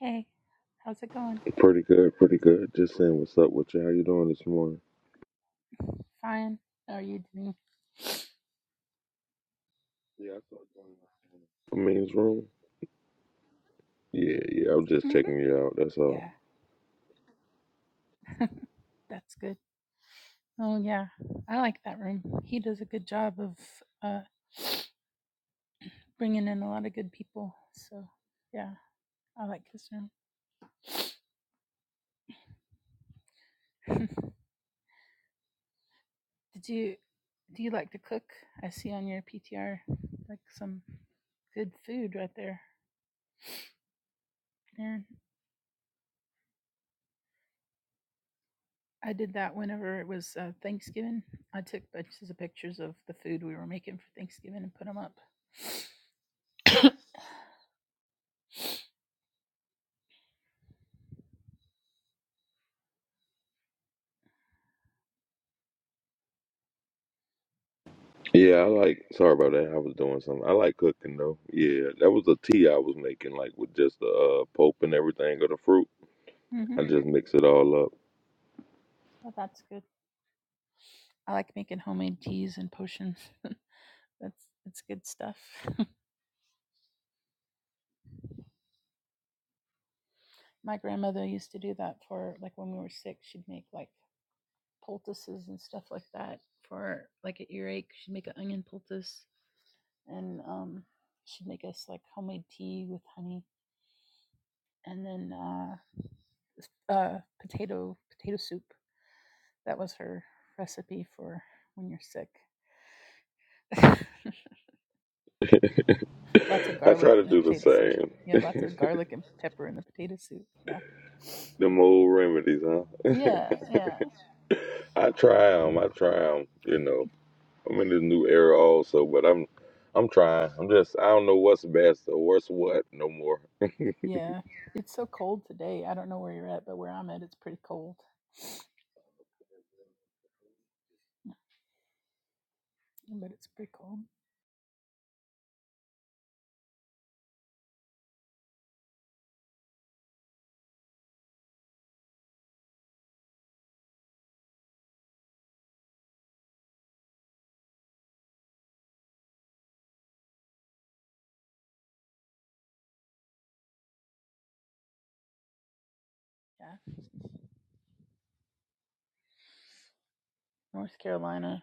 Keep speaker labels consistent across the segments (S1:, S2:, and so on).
S1: Hey, how's it going?
S2: Pretty good, pretty good. Just saying what's up with you. How you doing this morning?
S1: Fine. How are you doing?
S2: I mean, it's room? Yeah, yeah. I was just
S1: hmm
S2: checking you out. That's all.
S1: Yeah, that's good. Oh, yeah. I like that room. He does a good job of uh, bringing in a lot of good people. So, yeah, I like his room. Did you, do you like to cook? I see on your PTR, like some good food right there. Aaron. I did that whenever it was uh, Thanksgiving. I took bunches of pictures of the food we were making for Thanksgiving and put them up.
S2: Yeah, I like. Sorry about that. I was doing something. I like cooking though. Yeah, that was the tea I was making, like with just the uh, pulp and everything of the fruit.
S1: hmm
S2: I just mix it all up.
S1: So that's good. I like making homemade teas and potions. That's that's good stuff. My grandmother used to do that for like when we were sick. She'd make like poultices and stuff like that for like an earache. She'd make an onion poultice, and um, she'd make us like homemade tea with honey, and then uh, uh, potato potato soup. That was her recipe for when you're sick. lots of
S2: I
S1: garlic
S2: try to
S1: in the
S2: do the
S1: potato soup.
S2: same.
S1: Yeah, lots of garlic and pepper in the potato soup. Yeah.
S2: Them old remedies, huh?
S1: Yeah, yeah.
S2: I try them. I try them. You know, I'm in this new era also, but I'm, I'm trying. I'm just. I don't know what's best or what's what no more.
S1: Yeah, it's so cold today. I don't know where you're at, but where I'm at, it's pretty cold. But it's pretty cold. Yeah. North Carolina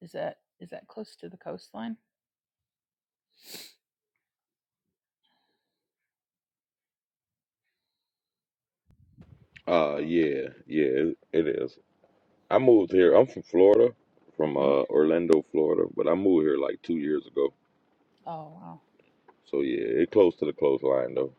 S1: is that is that close to the coastline?
S2: Uh yeah, yeah, it, it is. I moved here. I'm from Florida, from
S1: hmm
S2: uh Orlando, Florida, but I moved here like two years ago.
S1: Oh wow.
S2: So yeah, it's close to the coastline though.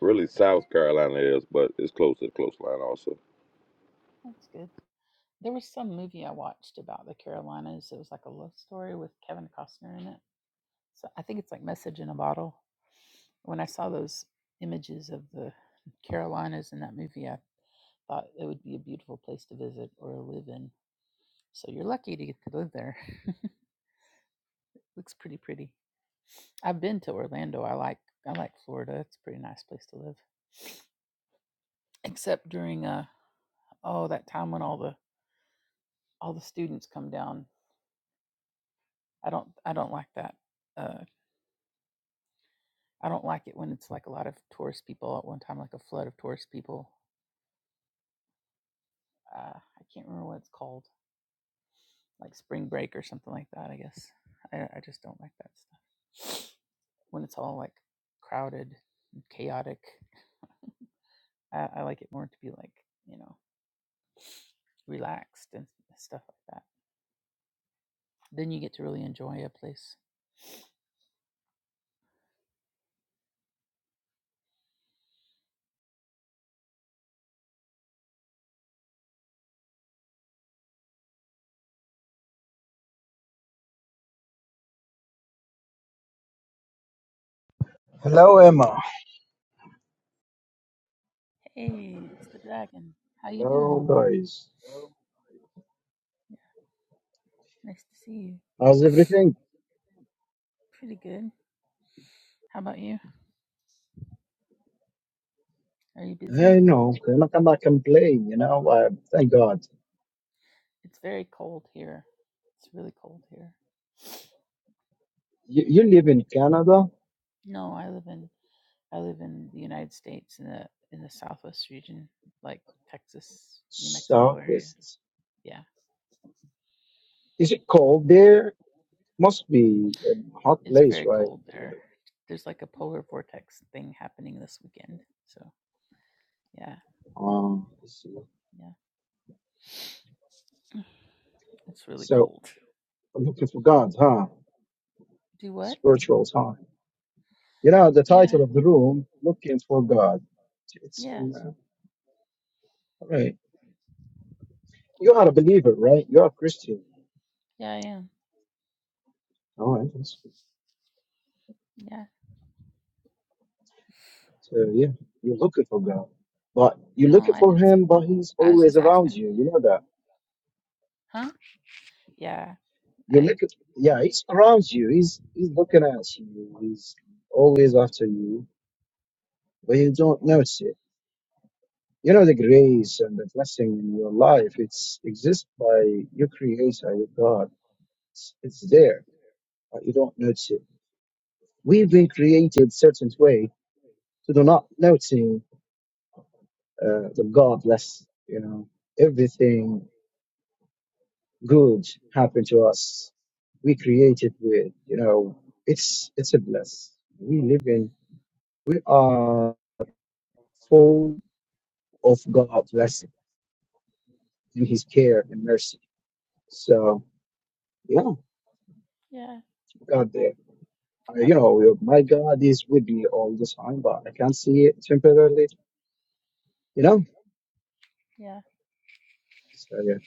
S2: Really
S1: Yeah,
S2: South Carolina is, but it's close to the coastline also.
S1: that's good. There was some movie I watched about the Carolinas. It was like a love story with Kevin Costner in it. So I think it's like Message in a Bottle. When I saw those images of the Carolinas in that movie, I thought it would be a beautiful place to visit or live in. So you're lucky to get to live there. Looks pretty pretty. I've been to Orlando. I like I like Florida. It's a pretty nice place to live. Except during uh oh that time when all the all the students come down. I don't I don't like that. Uh I don't like it when it's like a lot of tourist people at one time, like a flood of tourist people. Uh I can't remember what it's called. Like spring break or something like that, I guess. I I just don't like that stuff. When it's all like crowded and chaotic. I, I like it more to be like, you know, relaxed and stuff like that Then you get to really enjoy a place.
S3: Hello, Emma.
S1: Hey, it's the dragon. How you
S3: Hello,
S1: doing?
S3: guys.
S1: Nice to see you.
S3: How's everything?
S1: Pretty good. How about you? Are you busy?
S3: I know, I'm not gonna complain. you know. Uh, thank God.
S1: It's very cold here. It's really cold here.
S3: You, you live in Canada,
S1: No, I live in I live in the United States in the in the southwest region, like Texas, New Mexico
S3: so
S1: area.
S3: it's,
S1: Yeah.
S3: is it cold there? Must be a hot
S1: It's
S3: place,
S1: very
S3: right?
S1: cold there. There's like a polar vortex thing happening this weekend. So yeah,
S3: Um,
S1: yeah. It's really
S3: so
S1: cold.
S3: I'm looking for God, huh?
S1: Do what?
S3: Spiritual time. You know, the
S1: Yeah.
S3: title of the room, Looking for God. It's
S1: Yeah,
S3: in, uh, all right. You
S1: yeah,
S3: are a believer, right? You are a Christian.
S1: yeah, I am.
S3: All right.
S1: Yeah.
S3: So yeah, you're looking for God, but you're
S1: No,
S3: looking
S1: I
S3: for
S1: didn't say,
S3: Him, but He's
S1: I was
S3: always
S1: just
S3: around
S1: asking.
S3: you. You know that.
S1: Huh? Yeah,
S3: You're
S1: I,
S3: looking, yeah, He's around you. He's He's looking at you. He's always after you, but you don't notice it. You know the grace and the blessing in your life. It's exists by your Creator, your God. It's, it's there, but you don't notice it. We've been created certain way to do not noticing uh, the God bless. You know everything good happen to us. We create it with, you know, it's it's a bless. We live in, we are full of God's blessing and His care and mercy. So yeah,
S1: yeah,
S3: God
S1: I,
S3: there. Uh,
S1: I
S3: you
S1: believe it.
S3: know, my God is with me all the time, but I can't see it temporarily. You know.
S1: Yeah,
S3: So yeah.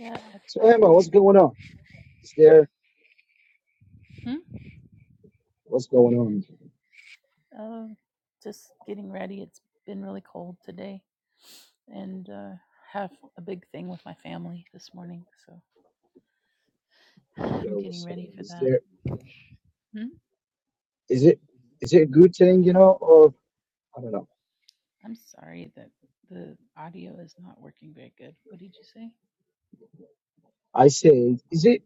S1: yeah. I,
S3: So
S1: I,
S3: Emma, what's going on? Is there
S1: hmm?
S3: what's going on?
S1: Um, just getting ready. It's been really cold today and uh, have a big thing with my family this morning. So
S3: You
S1: I'm
S3: know,
S1: getting
S3: what's
S1: ready
S3: happening?
S1: for
S3: is
S1: that.
S3: there?
S1: Hmm?
S3: Is it is it a good thing? You know, or I don't know.
S1: I'm sorry that the audio is not working very good. What did you say?
S3: I say, is it?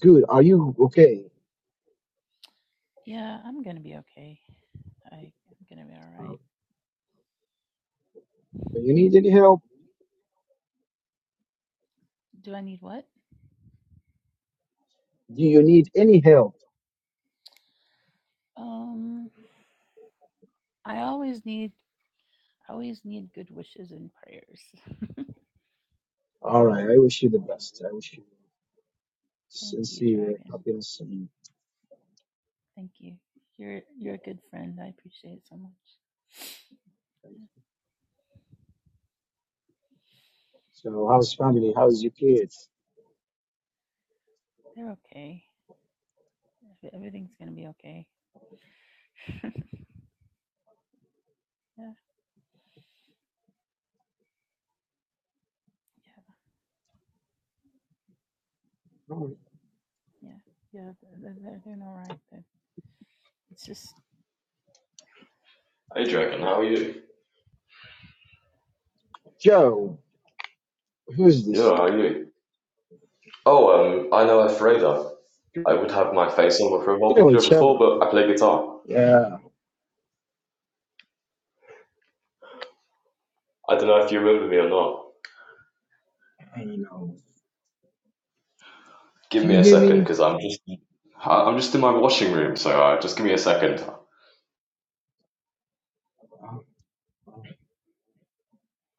S3: Good. Are you okay?
S1: Yeah, I'm going to be okay. I, I'm going to be all
S3: Uh,
S1: right.
S3: do you need any help?
S1: Do I need what?
S3: Do you need any help?
S1: Um, I always need I always need good wishes and prayers.
S3: All right. I wish you the best. I wish you
S1: Thank you,
S3: sincere
S1: Dragon.
S3: happiness and
S1: Thank you. You're you're a good friend. I appreciate it so much.
S3: thank you.
S1: Yeah,
S3: So, how's family? How's your kids?
S1: They're okay. Everything's gonna be okay. Yeah,
S3: All right.
S1: yeah, yeah, yeah. They're they're doing all right. They're, it's just
S4: Hey Dragon, how are you?
S3: Joe, who's
S4: Yeah,
S3: this?
S4: how are you? Oh, um, I know a Fraser. I would have my face on my
S3: You
S4: profile
S3: know
S4: picture
S3: each other,
S4: before,
S3: right?
S4: but I play guitar.
S3: Yeah.
S4: I don't know if you remember me or not.
S3: I don't know.
S4: Give
S3: Do
S4: me
S3: you
S4: a
S3: hear
S4: second,
S3: me?
S4: because I'm just I- I'm just in my washing room, so uh, just give me a second.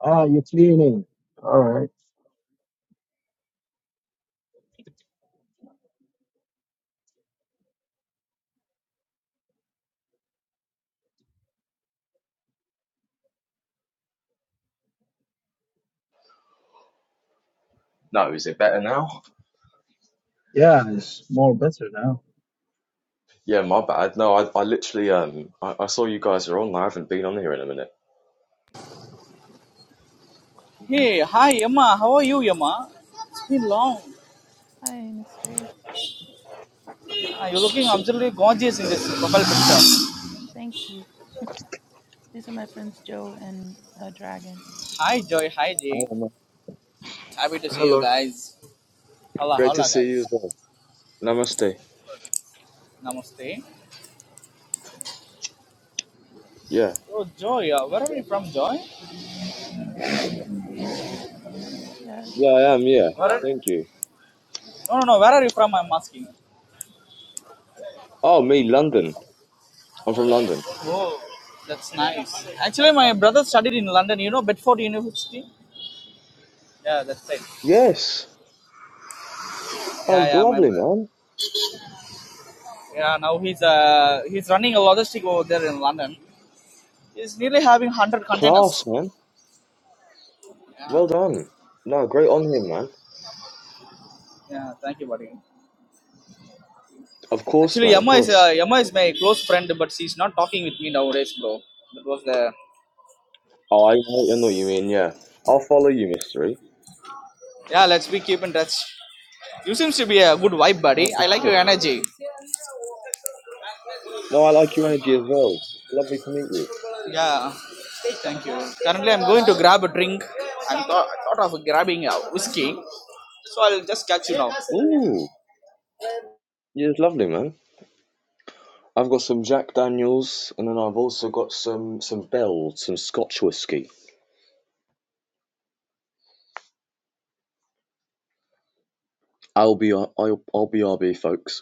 S3: Ah, you're cleaning. All right.
S4: No, is it better now?
S3: Yeah, it's more better now.
S4: Yeah, my bad. No, I, I literally um I, I saw you guys are on. I haven't been on here in a minute.
S5: Hey, hi Emma. How are you, Emma? It's been long.
S1: hi, mystery.
S5: Ah, you're looking absolutely gorgeous in this profile picture.
S1: Thank you. These are my friends Joe and uh, Dragon.
S5: Hi, Joy. Hi, Jay.
S4: Oh, man.
S5: Happy to see you
S4: Hello.
S5: guys. Hola,
S4: Great to
S5: hola,
S4: see
S5: guys.
S4: you as well. Namaste.
S5: Namaste.
S4: Yeah.
S5: Oh, Joy. Uh, where are you from, Joy?
S1: Yeah,
S4: Yeah, I am, yeah.
S5: Where are...
S4: Thank you.
S5: No, no, no. Where are you from? I'm asking.
S4: Oh, me, London. I'm from London.
S5: Oh, that's nice. Actually, my brother studied in London. You know Bedford University. Yeah, that's right.
S4: Yes. Oh,
S5: Yeah, yeah, my
S4: lovely,
S5: brother.
S4: man.
S5: Yeah, now he's uh he's running a logistic over there in London. He's nearly having one hundred containers.
S4: Class, man.
S5: Yeah,
S4: Well done. No, great on him, man.
S5: yeah. Thank you, buddy.
S4: Of course,
S5: Actually,
S4: man, of
S5: Yama is
S4: course.
S5: uh, Yama is my close friend, but she's not talking with me nowadays, bro. That was the
S4: Oh, I know, I know what you mean, yeah. I'll follow you, mystery.
S5: yeah. Let's be keep in touch. You seems to be a good vibe, buddy.
S4: Oh, for
S5: I like
S4: sure.
S5: your energy.
S4: No, I like your energy as well. Lovely to meet you.
S5: Yeah, thank you. Currently, I'm going to grab a drink. I'm thought, I thought of grabbing a whiskey, so I'll just catch you now.
S4: Ooh, yeah, it's lovely, man. I've got some Jack Daniels, and then I've also got some some Bell, some Scotch whiskey. I'll be I'll, I'll be RB, folks.